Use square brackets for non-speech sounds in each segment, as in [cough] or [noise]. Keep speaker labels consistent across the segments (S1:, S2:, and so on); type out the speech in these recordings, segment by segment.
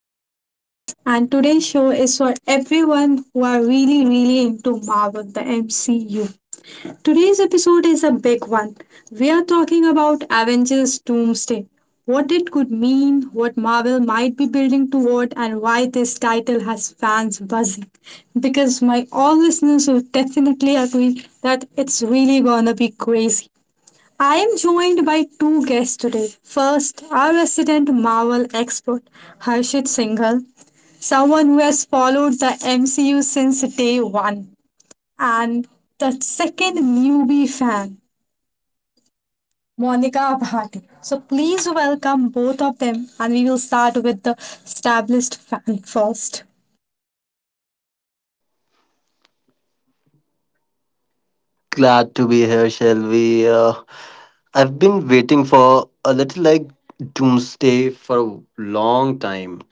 S1: my podcast. And today's show is for everyone who are really, really into Marvel, the MCU. Today's episode is a big one. We are talking about Avengers Doomsday, what it could mean, what Marvel might be building toward, and why this title has fans buzzing. Because my all listeners will definitely agree that it's really gonna be crazy. I am joined by two guests today. First, our resident Marvel expert, Harshit Singhal, someone who has followed the MCU since day one, and the second newbie fan, Monica Bhatti. So please welcome both of them, and we will start with the established fan first.
S2: Glad to be here, Shelby. I've been waiting for a little like doomsday for a long time.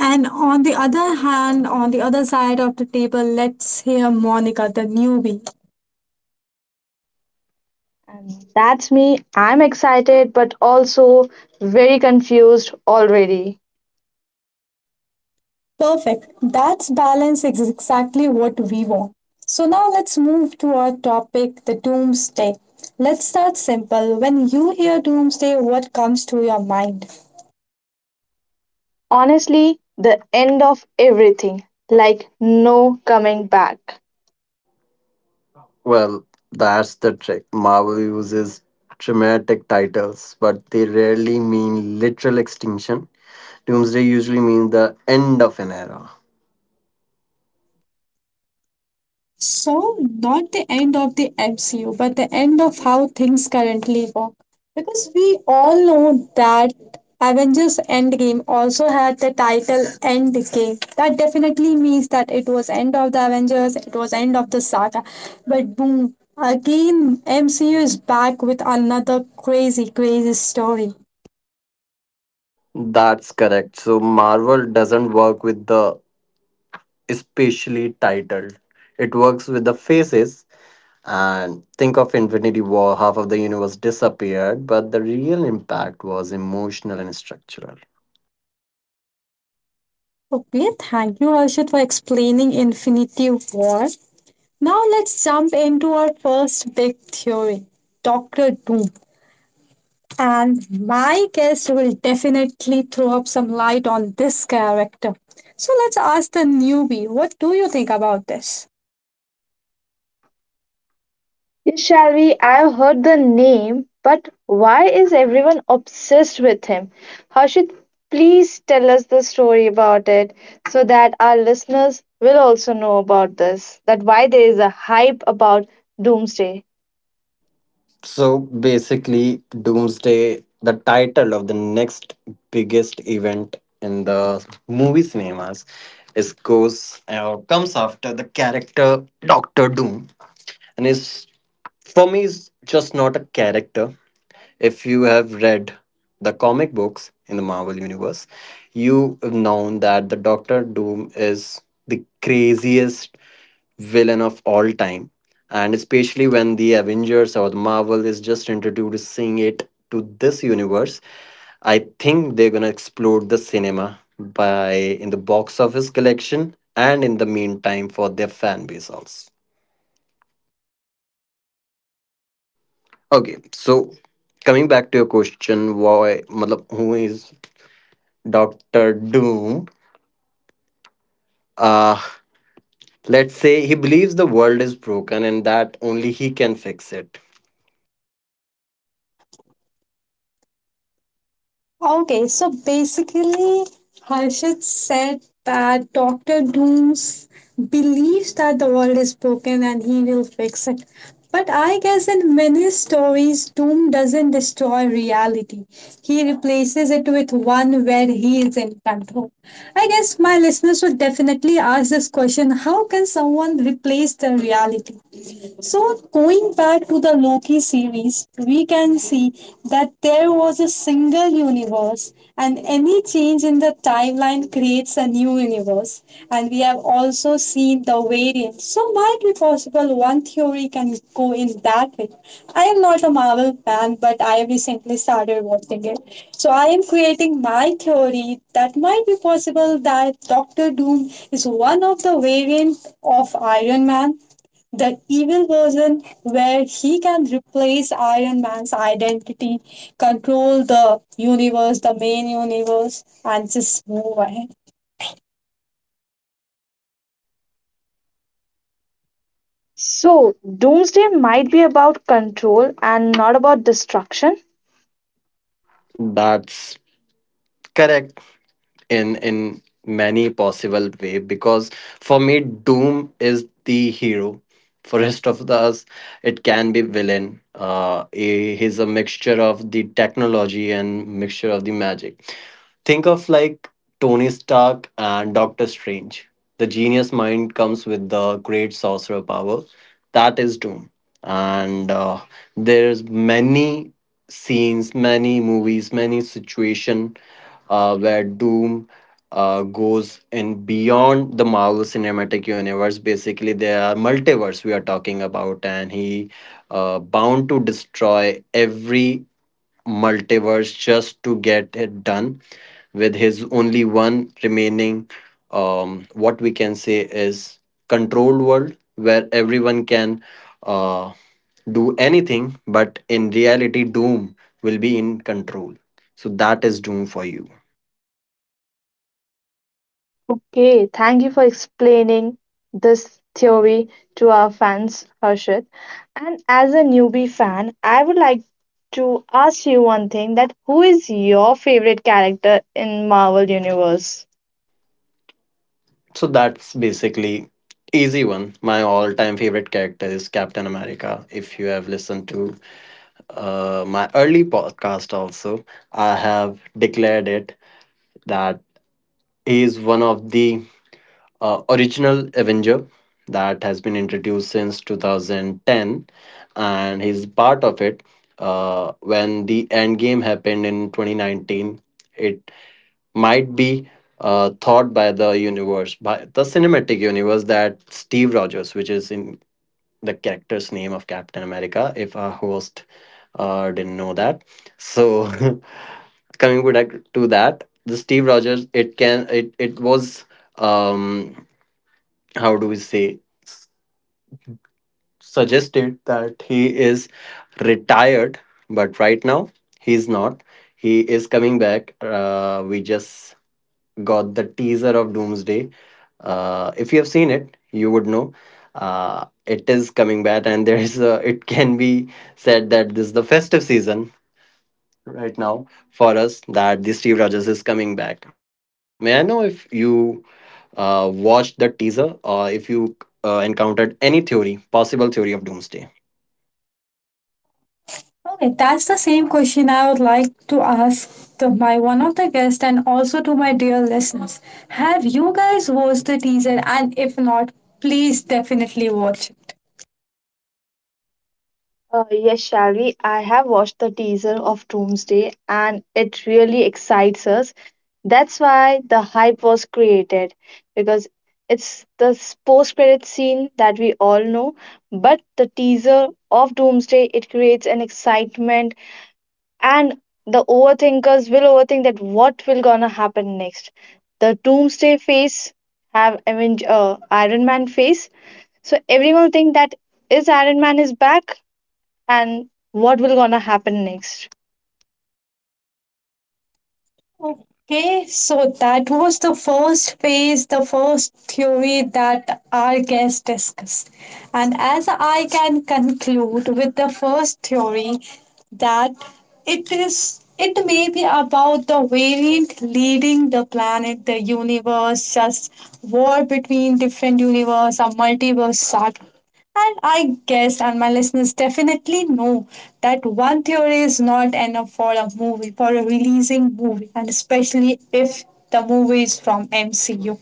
S1: And on the other hand, on the other side of the table, let's hear Monica, the newbie.
S3: And that's me. I'm excited, but also very confused already.
S1: Perfect. That's balance is exactly what we want. So now let's move to our topic, the doomsday. Let's start simple. When you hear doomsday, what comes to your mind?
S3: Honestly, the end of everything, like no coming back.
S2: Well, that's the trick. Marvel uses dramatic titles, but they rarely mean literal extinction. Doomsday usually means the end of an era.
S1: So, not the end of the MCU, but the end of how things currently work. Because we all know that Avengers Endgame also had the title Endgame. That definitely means that it was end of the Avengers, it was end of the saga. But boom, again MCU is back with another crazy, crazy story.
S2: That's correct. So Marvel doesn't work with the especially titled. It works with the faces. And think of Infinity War, half of the universe disappeared, but the real impact was emotional and structural.
S1: Okay, thank you Harshit for explaining Infinity War. Now let's jump into our first big theory, Doctor Doom. And my guest will definitely throw up some light on this character. So let's ask the newbie, what do you think about this?
S3: Yes, shall
S2: Shall
S3: we?
S2: we? I
S3: I've heard the name, but why is everyone obsessed with him? Harshit, please tell us the story about it
S2: so
S3: so
S2: that
S3: that our listeners will also know about this, that why there is a hype about Doomsday.
S2: So basically, Doomsday, the title of the next biggest event in the movie cinemas, is goes comes after the character Doctor Doom, and is for me is just not a character. If you have read the comic books in the Marvel Universe, you have known that the Doctor Doom is the craziest villain of all time. And especially when the Avengers or the Marvel is just introducing it to this universe, I think they're gonna explode the cinema by in the box office collection and in the meantime for their fan base also. Okay, so coming back to your question, why matlab, who is Dr. Doom, uh, let's say he believes the world is broken and that only he can fix it.
S1: Okay, so basically, Harshit said that Doctor Dooms believes that the world is broken and he will fix it. But I guess in many stories, Doom doesn't destroy reality. He replaces it with one where he is in control. I guess my listeners would definitely ask this question, how can someone replace the reality? So, going back to the Loki series, we can see that there was a single universe, and any change in the timeline creates a new universe. And we have also seen the variant. So, might be possible one theory can go in that way. I am not a Marvel fan, but I recently started watching it. So, I am creating my theory that might be possible that Doctor Doom is one of the variant of Iron Man, that evil version where he can replace Iron Man's identity, control the universe, the main universe, and just move ahead.
S3: So, doomsday might be about control and not about destruction.
S2: That's correct. In many possible way because for me doom is the hero for rest of the us, it can be villain, he's a mixture of the technology and mixture of the magic. Think of like Tony Stark and Doctor Strange, the genius mind comes with the great sorcerer power. That is doom. And there's many scenes, many movies, many situation, where Doom, goes in beyond the Marvel Cinematic Universe. Basically, there are multiverse we are talking about, and he, bound to destroy every multiverse just to get it done with his only one remaining, what we can say is controlled world where everyone can, uh, do anything, but in reality doom will be in control. So that is doom for you.
S3: Okay, thank you for explaining this theory to our fans, Harshit. And as a newbie fan, I would like to ask you one thing that who is your favorite character in Marvel Universe?
S2: So that's basically easy one. My all-time favorite character is Captain America. If you have listened to my early podcast also, I have declared it that he is one of the original Avenger that has been introduced since 2010, and he's part of it when the end game happened in 2019. It might be thought by the universe, by the cinematic universe, that Steve Rogers, which is in the character's name of Captain America, if our host didn't know that. So, [laughs] coming back to that, the Steve Rogers, it can, it was, um, how do we say, s- suggested that he is retired, but right now he's not. He is coming back. We just got the teaser of Doomsday. If you have seen it, you would know it is coming back, and [laughs] there is a, it can be said that this is the festive season right now for us that the Steve Rogers is coming back. May I know if you watched the teaser or if you encountered any theory, possible theory of Doomsday?
S1: Okay, that's the same question I would like to ask to my one of the guests and also to my dear listeners. Have you guys watched the teaser? And if not, please definitely watch it.
S3: Yes, Shalvi, I have watched the teaser of Doomsday and it really excites us. That's why the hype was created because it's the post credit scene that we all know, but the teaser of Doomsday it creates an excitement and the overthinkers will overthink that what will gonna happen next. The Doomsday face have Iron Man face so everyone think that is Iron Man is back and what will gonna happen next.
S1: Okay, so that was the first phase, the first theory that our guest discussed. And as I can conclude with the first theory, that it may be about the variant leading the planet, the universe, just war between different universe or multiverse saga. And I guess, and my listeners definitely know that one theory is not enough for a movie, for a releasing movie, and especially if the movie is from MCU.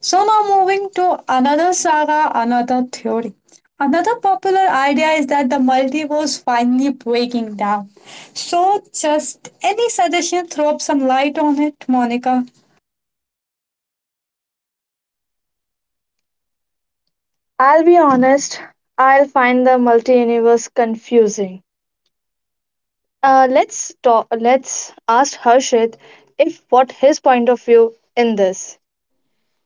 S1: So now moving to another saga, another theory. Another popular idea is that the multiverse finally breaking down. So just any suggestion, throw up some light on it, Monica.
S3: I'll be honest, I'll find the multi-universe confusing. Let's talk. Let's ask Harshit if what his point of view in this,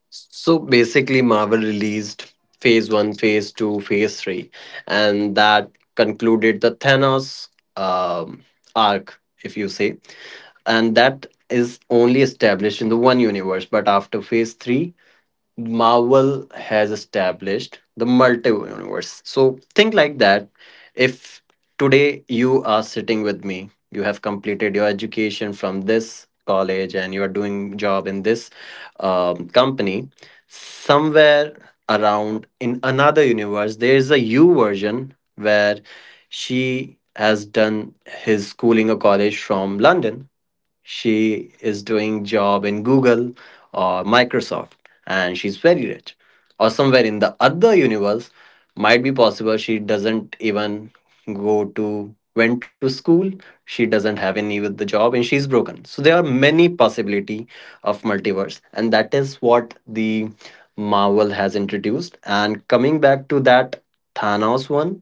S2: So basically, Marvel released Phase 1, Phase 2, Phase 3, and that concluded the Thanos um, arc, if you say. And that is only established in the one universe, but after Phase 3, Marvel has established the multiverse. So think like that. If today you are sitting with me, you have completed your education from this college and you are doing job in this company, somewhere around in another universe, there is a you version where she has done his schooling or college from London, she is doing job in Google or Microsoft, and she's very rich. Or somewhere in the other universe, might be possible she doesn't even go to went to school, she doesn't have any with the job, and she's broken. So there are many possibility of multiverse, and that is what the Marvel has introduced. And coming back to that Thanos one,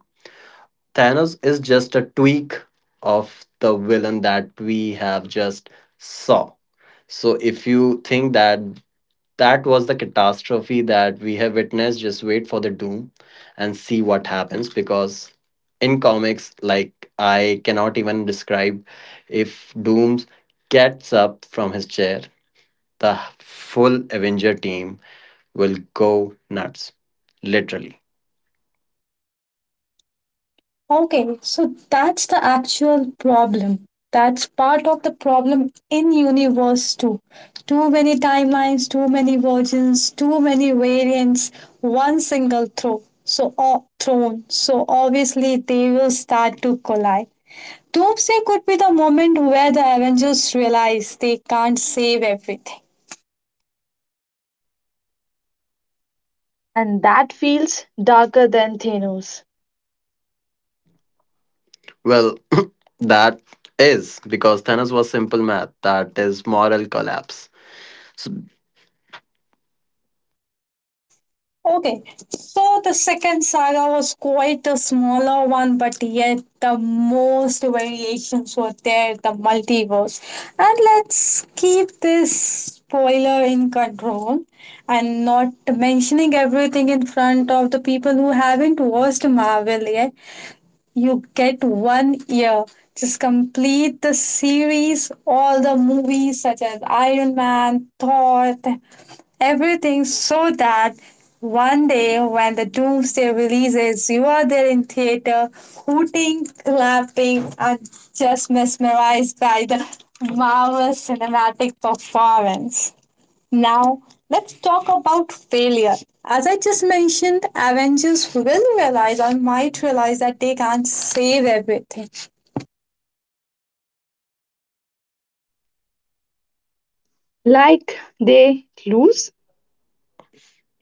S2: Thanos is just a tweak of the villain that we have just saw. So if you think that that was the catastrophe that we have witnessed, just wait for the doom and see what happens, because in comics, like, I cannot even describe if Dooms gets up from his chair, the full Avenger team will go nuts, literally.
S1: Okay, so that's the actual problem. That's part of the problem in universe too. Too many timelines, too many versions, too many variants, one single throw. So thrown. So obviously they will start to collide. Doomsday could be the moment where the Avengers realize they can't save everything.
S3: and that feels darker than Thanos.
S2: Well, [coughs] [clears throat] that is because Thanos was simple math. That is moral collapse. So
S1: Okay, so the second saga was quite a smaller one, but yet the most variations were there, the multiverse. And let's keep this spoiler in control and not mentioning everything in front of the people who haven't watched Marvel yet, you get one year. Just complete the series, all the movies such as Iron Man, Thor, everything, so that one day when the Doomsday releases, you are there in theater, hooting, clapping, and just mesmerized by the marvel cinematic performance. Now, let's talk about failure. As I just mentioned, Avengers will realize or might realize that they can't save everything.
S3: Like they lose,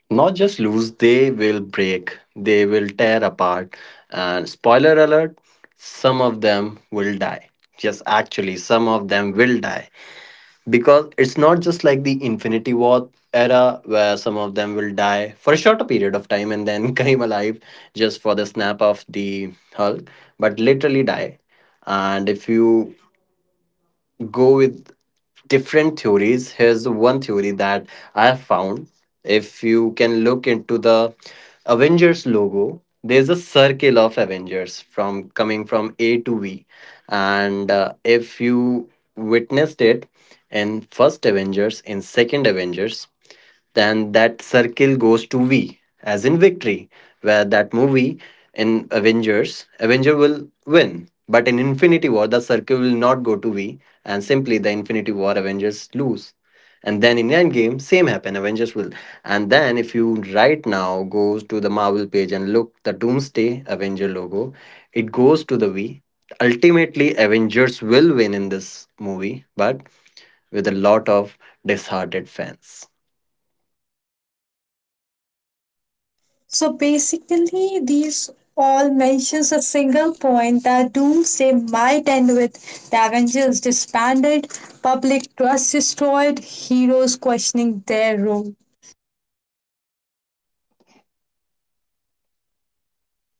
S2: not just lose, they will break, they will tear apart. And spoiler alert, some of them will die. Just actually, some of them will die. Because it's not just like the Infinity War era where some of them will die for a shorter period of time and then [laughs] come alive just for the snap of the Hulk, but literally die. And if you go with different theories, here's one theory that I have found. If you can look into the Avengers logo, there's a circle of Avengers from coming from A to V, and if you witnessed it in first Avengers, in second Avengers, then that circle goes to V, as in victory, where that movie in Avengers, Avenger will win. But in Infinity War, the circle will not go to V, and simply the Infinity War Avengers lose. And then in Endgame, same happen. Avengers will. And then if you right now goes to the Marvel page and look the Doomsday Avenger logo, it goes to the V. Ultimately, Avengers will win in this movie, but with a lot of disheartened fans.
S1: So, basically, these all mentions a single point that Doomsday might end with the Avengers disbanded, public trust destroyed, heroes questioning their role.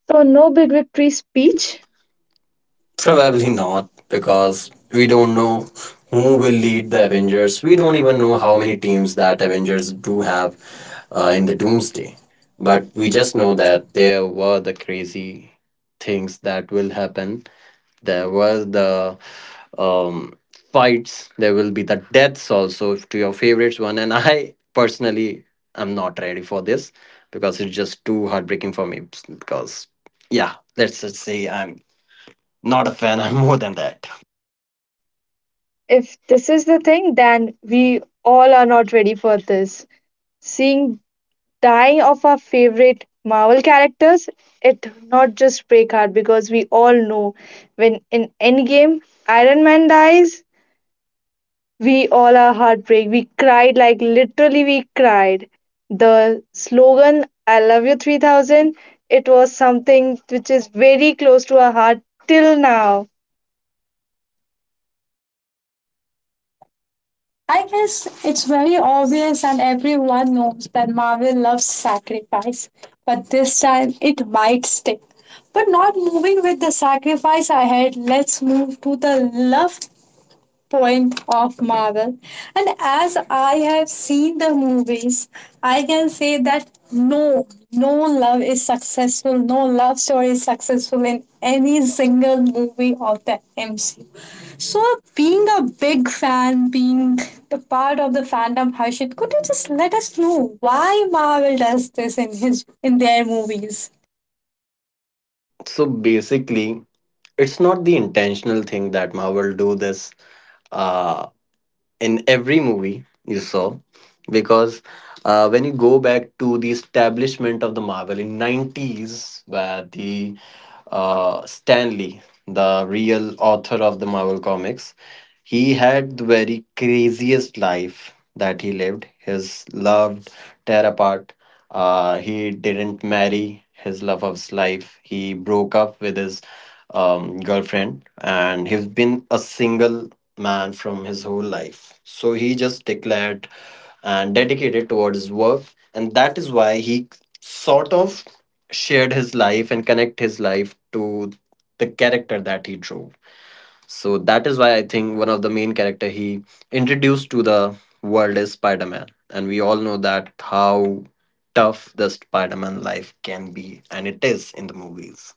S3: so no big victory speech.
S2: Peach? Probably
S1: Probably not,
S2: not, because
S1: because we
S2: we
S1: don't
S2: don't
S1: know
S2: know who
S1: who will
S2: will
S1: lead
S2: lead
S1: the
S2: the
S1: Avengers.
S2: Avengers. We
S1: We don't
S2: don't
S1: even
S2: even know
S1: know how
S2: how many
S1: many teams
S2: teams
S1: that
S2: that
S1: Avengers
S2: Avengers
S1: do
S2: do
S1: have
S2: have
S1: in
S2: in
S1: the
S2: the
S1: Doomsday.
S2: Doomsday. But
S1: But
S2: we
S1: we just
S2: just
S1: know
S2: know that
S1: that they
S2: there were the crazy things that will happen, there was the um, fights, there will be the deaths also if to your favorites one, and I personally am not ready for this, because it's just too heartbreaking for me. Because, yeah, let's just say I'm not a fan. [laughs] I'm more than that.
S3: If this is the thing, then we all are not ready for this. Seeing dying of our favorite Marvel characters, it not just break heart because we all know when in Endgame Iron Man dies, we all are heartbreak. We cried like literally we cried. The slogan "I love you 3,000" it was something which is very close to our heart till now.
S1: I guess it's very obvious and everyone knows that Marvel loves sacrifice, but this time it might stick. But not moving with the sacrifice ahead, let's move to the love point of Marvel. And as I have seen the movies, I can say that no, no love is successful, no love story is successful in any single movie of the MCU. So, being a big fan, being the part of the fandom, Harshit, could you just let us know why Marvel does this in their movies?
S2: So basically, it's not the intentional thing that Marvel do this. Uh, in every movie you saw, because when you go back to the establishment of the Marvel in 90s, where the Stanley, the real author of the Marvel comics, he had the very craziest life that he lived. His love tear apart, he didn't marry his love of his life, he broke up with his girlfriend, and he's been a single man from his whole life. So he just declared and dedicated towards his work, and that is why he sort of shared his life and connect his life to the character that he drew. So that is why I think one of the main character he introduced to the world is Spider-Man, and we all know that how tough the Spider-Man life can be, and it is in the movies.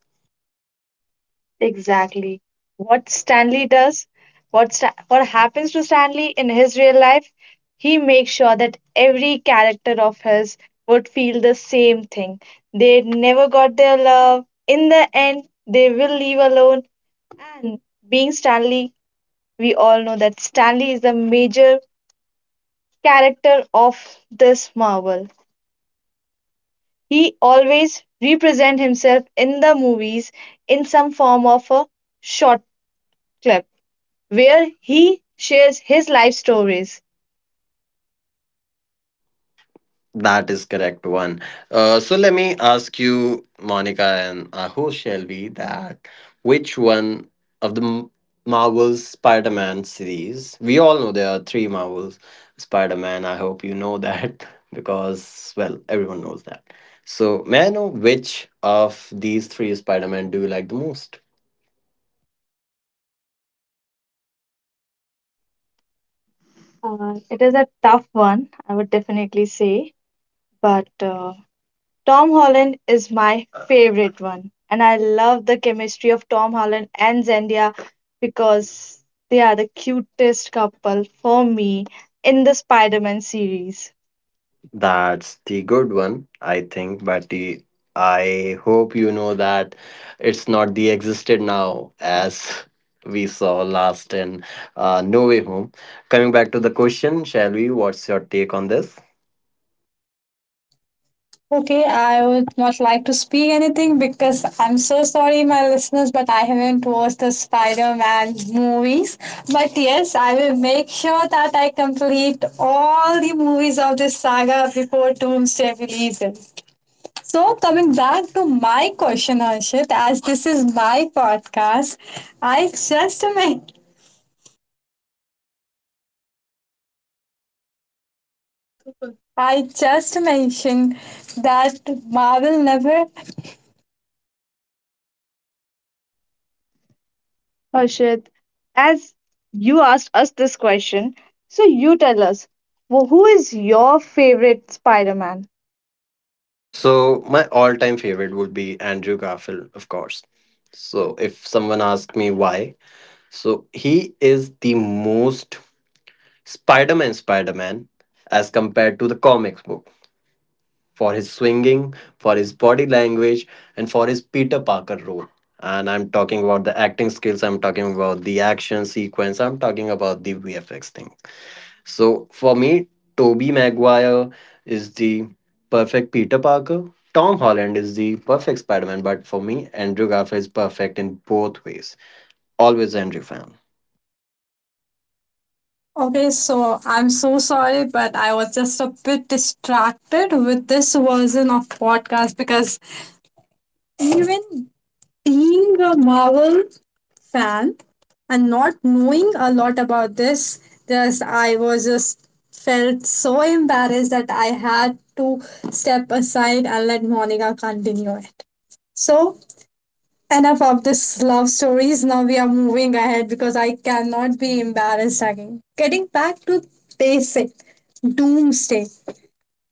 S3: Exactly. What Stanley does, what happens to Stanley in his real life, he makes sure that every character of his would feel the same thing. They never got their love. In the end, they will leave alone. And being Stanley, we all know that Stanley is the major character of this Marvel. He always represent himself in the movies in some form of a short clip where he shares his life stories.
S2: That is correct one. So let me ask you, Monica and our host Shelby, that which one of the Marvel's Spider-Man series? We all know there are three Marvels Spider-Man. I hope you know that [laughs] because well, everyone knows that. So may I know which of these three Spider-Man do you like the most?
S3: It is a tough one, I would definitely say, but Tom Holland is my favorite one. And I love the chemistry of Tom Holland and Zendaya because they are the cutest couple for me in the Spider Man series.
S2: That's the good one, I think, but I hope you know that it's not the existed now as [laughs] we saw last in No Way Home. Coming back to the question, shall we? What's your take on this?
S1: Okay, I would not like to speak anything because I'm so sorry, my listeners, but I haven't watched the Spider Man movies. But yes, I will make sure that I complete all the movies of this saga before Doomsday releases. So, coming back to my question, Arshit, as this is my podcast, I just made I just mentioned that Marvel never.
S3: Harshit, as you asked us this question, so you tell us, who is your favorite Spider Man?
S2: So, my all time favorite would be Andrew Garfield, of course. So, if someone asks me why, so he is the most Spider Man as compared to the comics book, for his swinging, for his body language, and for his Peter Parker role. And I'm talking about the acting skills, I'm talking about the action sequence, I'm talking about the VFX thing. So for me, Tobey Maguire is the perfect Peter Parker. Tom Holland is the perfect Spider-Man, but for me, Andrew Garfield is perfect in both ways. Always Andrew fan.
S1: Okay, so I'm so sorry, but I was just a bit distracted with this version of podcast because even being a Marvel fan and not knowing a lot about this, just I was just felt so embarrassed that I had to step aside and let Monica continue it. So enough of this love stories. Now we are moving ahead because I cannot be embarrassed again. Getting back to basic doomsday.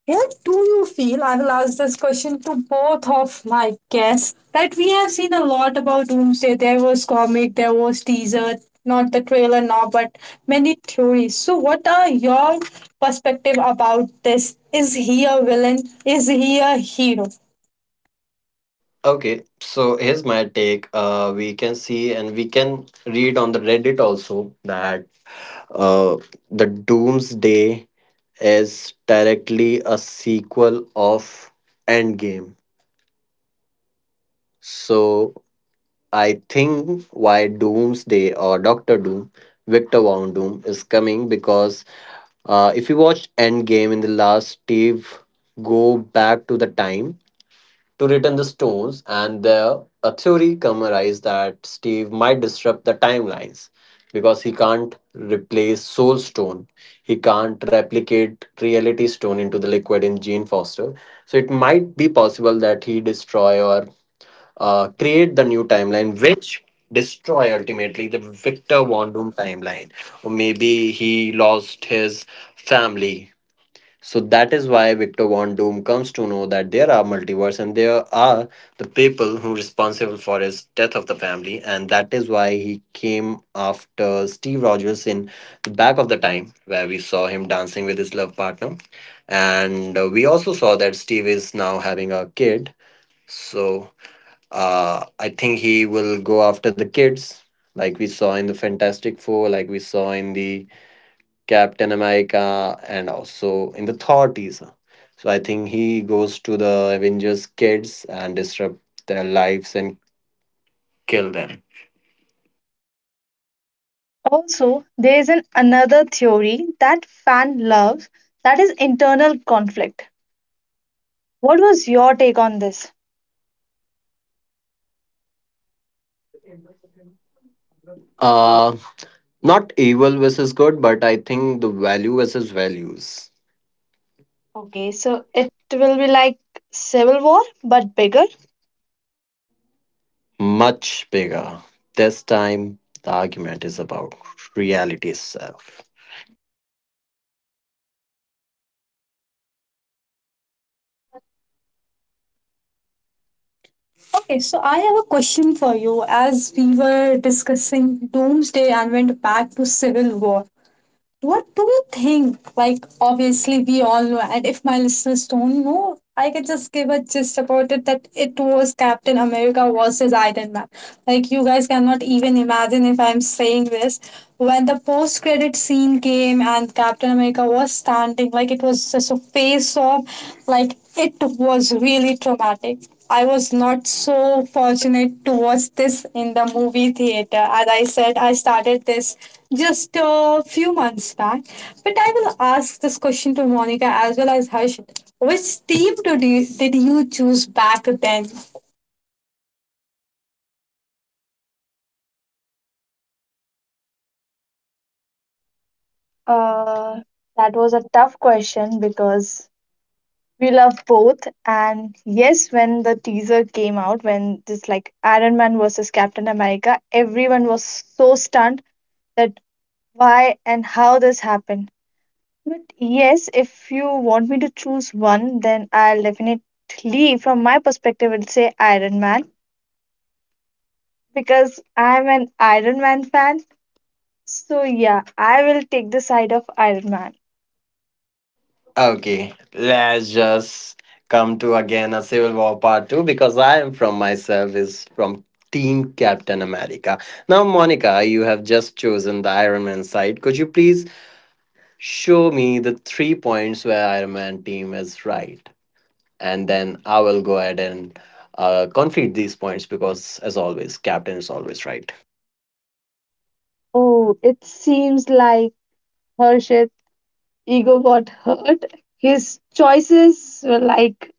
S1: What do you feel? I will ask this question to both of my guests. That we have seen a lot about Doomsday. There was comic, there was teaser, not the trailer now, but many theories. So, what are your perspective about this? Is he a villain? Is he a hero?
S2: Okay, so here's my take. We can see and we can read on the Reddit also that Uh, the Doomsday is directly a sequel of Endgame. So I think why Doomsday or Doctor Doom, Victor Von Doom is coming because if you watch Endgame, in the last Steve go back to the time to return the stones, and there a theory come arise that Steve might disrupt the timelines because he can't replace Soul Stone. He can't replicate Reality Stone into the liquid in Gene Foster. So it might be possible that he destroy or create the new timeline, which destroy ultimately the Victor Von Doom timeline. Or maybe he lost his family, so that is why Victor Von Doom comes to know that there are multiverse and there are the people who are responsible for his death of the family, and that is why he came after Steve Rogers in the back of the time, where we saw him dancing with his love partner, and we also saw that Steve is now having a kid. So I think he will go after the kids, like we saw in the Fantastic Four, like we saw in the Captain America, and also in the thirties. So I think he goes to the Avengers kids and disrupt their lives and kill them.
S3: Also, there is an another theory that fan loves, that is internal conflict. What was your take on this?
S2: Uh, not evil versus good, but I think the value versus values.
S3: Okay,
S2: Okay,
S3: so
S2: so
S3: it
S2: it
S3: will be like Civil War, but bigger.
S2: Much bigger. This time, the argument is about reality itself.
S1: Okay, so I have a question for you. As we were discussing Doomsday and went back to Civil War, what do you think? Like, obviously, we all know, and if my listeners don't know, I can just give a gist about it that it was Captain America versus Iron Man. Like, you guys cannot even imagine if I'm saying this. When the post credit scene came and Captain America was standing, like, it was just a face off, like, it was really traumatic. I was not so fortunate to watch this in the movie theater. As I said, I started this just a few months back. But I will ask this question to Monica as well as Harsh. Which team did you choose back then?
S3: Uh, that was a tough question because we love both. And yes, when the teaser came out, when this like Iron Man versus Captain America, everyone was so stunned that why and how this happened. But yes, if you want me to choose one, then I'll definitely, from my perspective, would say Iron Man because I'm an Iron Man fan. So yeah, I will take the side of Iron Man.
S2: Okay, let's just come to again a Civil War part 2, because I am from myself is from Team Captain America. Now, Monica, you have just chosen the Iron Man side. Could you please show me the three points where Iron Man team is right? And then I will go ahead and conflict these points, because, as always, Captain is always right.
S3: Oh, it seems like Harshit's ego got hurt. His choices were like,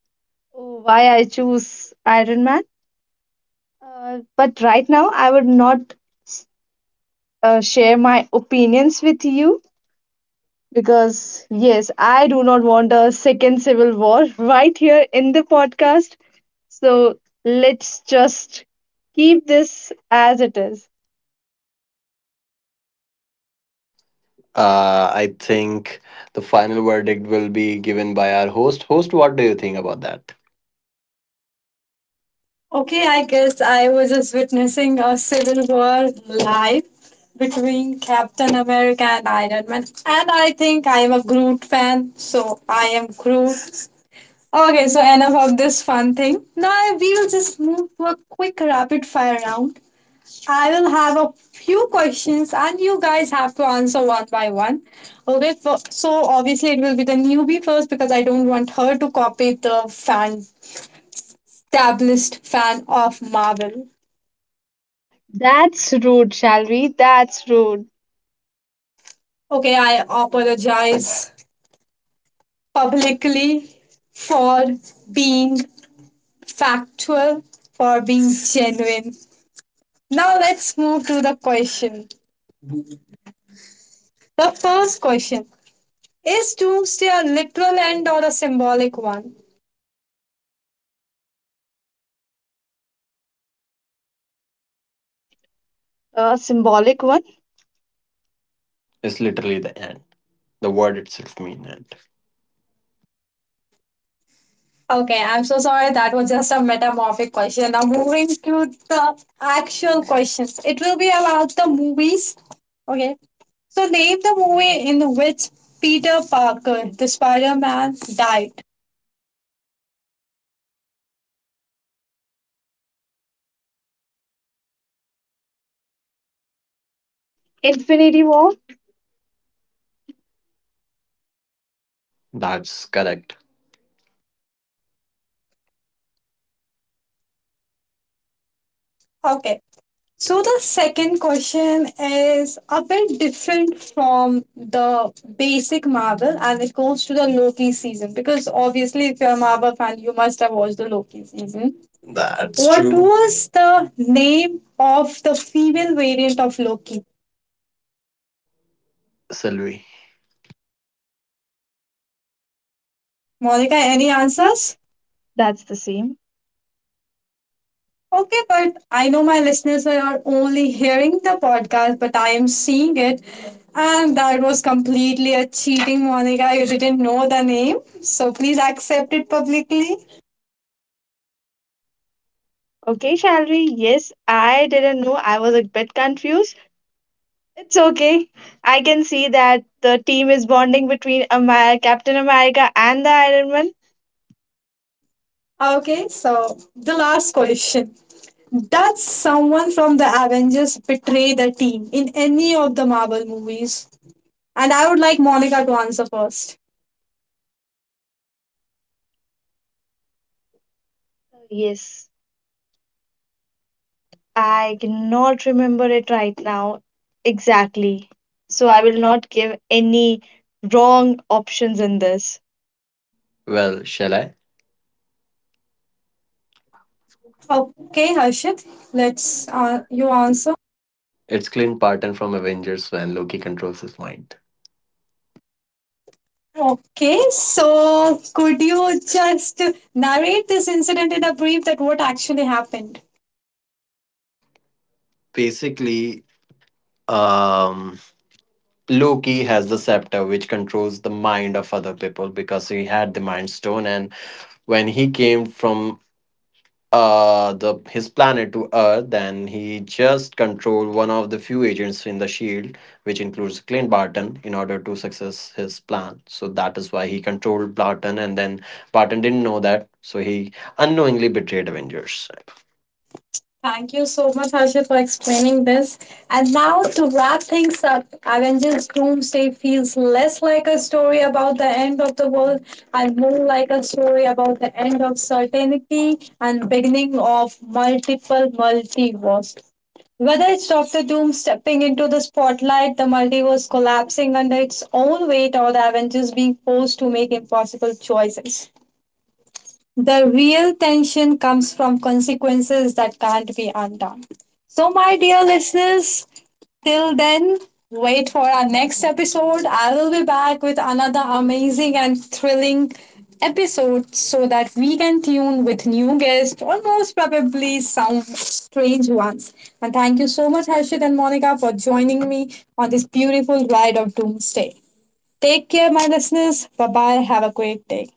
S3: oh, why I choose Iron Man. But right now, I would not share my opinions with you because, yes, I do not want a second civil war [laughs] right here in the podcast. So let's just keep this as it is.
S2: I think the final verdict will be given by our host. Host, what do you think about that?
S1: Okay, I guess I was just witnessing a civil war live between Captain America and Iron Man. And I think I am a Groot fan, so I am Groot. Okay,
S3: Okay, so
S1: so
S3: Anna.
S1: enough of this fun thing. Now we will just move to a quick rapid fire round. I will have a few questions and you guys have to answer one by one. Okay, so obviously it will be the newbie first because I don't want her to copy the fan, established fan of Marvel.
S3: That's rude, shall we? That's rude.
S1: Okay, I apologize publicly for being factual, for being genuine. Now let's move to the question. The first question, is Doomsday a literal end or a symbolic one?
S3: A symbolic one.
S2: Is literally the end. The word itself means end.
S1: Okay, I'm so sorry. That was just a metamorphic question. Now, moving to the actual questions. It will be about the movies. Okay. So, name the movie in which Peter Parker, the Spider Man, died.
S3: Infinity War.
S2: That's correct.
S1: Okay. So the second question is a bit different from the basic Marvel and it goes to the Loki season because obviously if you're a Marvel fan you must have watched the Loki season. That's
S2: That's
S1: What
S2: What true.
S1: true.
S2: More?
S1: Was the name of the female variant of Loki?
S2: Sylvie.
S1: Monica, any
S3: The
S1: answers?
S3: answers? That's the same.
S1: Okay, but I know my listeners are only hearing the podcast, but I am seeing it. And that was completely a cheating, Monica. You didn't know the name. So please accept it publicly.
S3: Okay, shall we? Yes, I didn't know. I was a bit confused. It's okay. I can see that the team is bonding between Captain America and the Iron Man.
S1: Okay, so the last question. Does someone from the Avengers betray the team in any of the Marvel movies? And I would like Monica to answer first.
S3: Yes, I cannot remember it right now exactly. So
S2: So
S3: I
S2: I
S3: will
S2: will not.
S3: not give any wrong options in this.
S2: Well, shall I?
S1: Okay, Harshit, let's
S2: It's
S1: you
S2: you are.
S1: answer.
S2: It's Clint Barton from Avengers when Loki controls his mind.
S1: Okay, so could you just narrate this incident in a brief that what actually happened?
S2: Basically, um, Loki has the scepter which controls the mind of other people because he had the mind stone. And when he came from the his planet to earth, then he just controlled one of the few agents in the shield, which includes Clint Barton, in order to success his plan. So that is why he controlled Barton, and then Barton didn't know that, so he unknowingly betrayed Avengers.
S1: Thank you so much, Harshit, for explaining this. And now to wrap things up, Avengers Doomsday feels less like a story about the end of the world and more like a story about the end of certainty and beginning of multiple multiverses. Whether it's Doctor Doom stepping into the spotlight, the multiverse collapsing under its own weight, or the Avengers being forced to make impossible choices, the real tension comes from consequences that can't be undone. So, my dear listeners, till then, wait for our next episode. I will be back with another amazing and thrilling episode so that we can tune with new guests or most probably some strange ones. And thank you so much, Harshit and Monica, for joining me on this beautiful ride of doomsday. Take care, my listeners. Bye bye. Have a great day.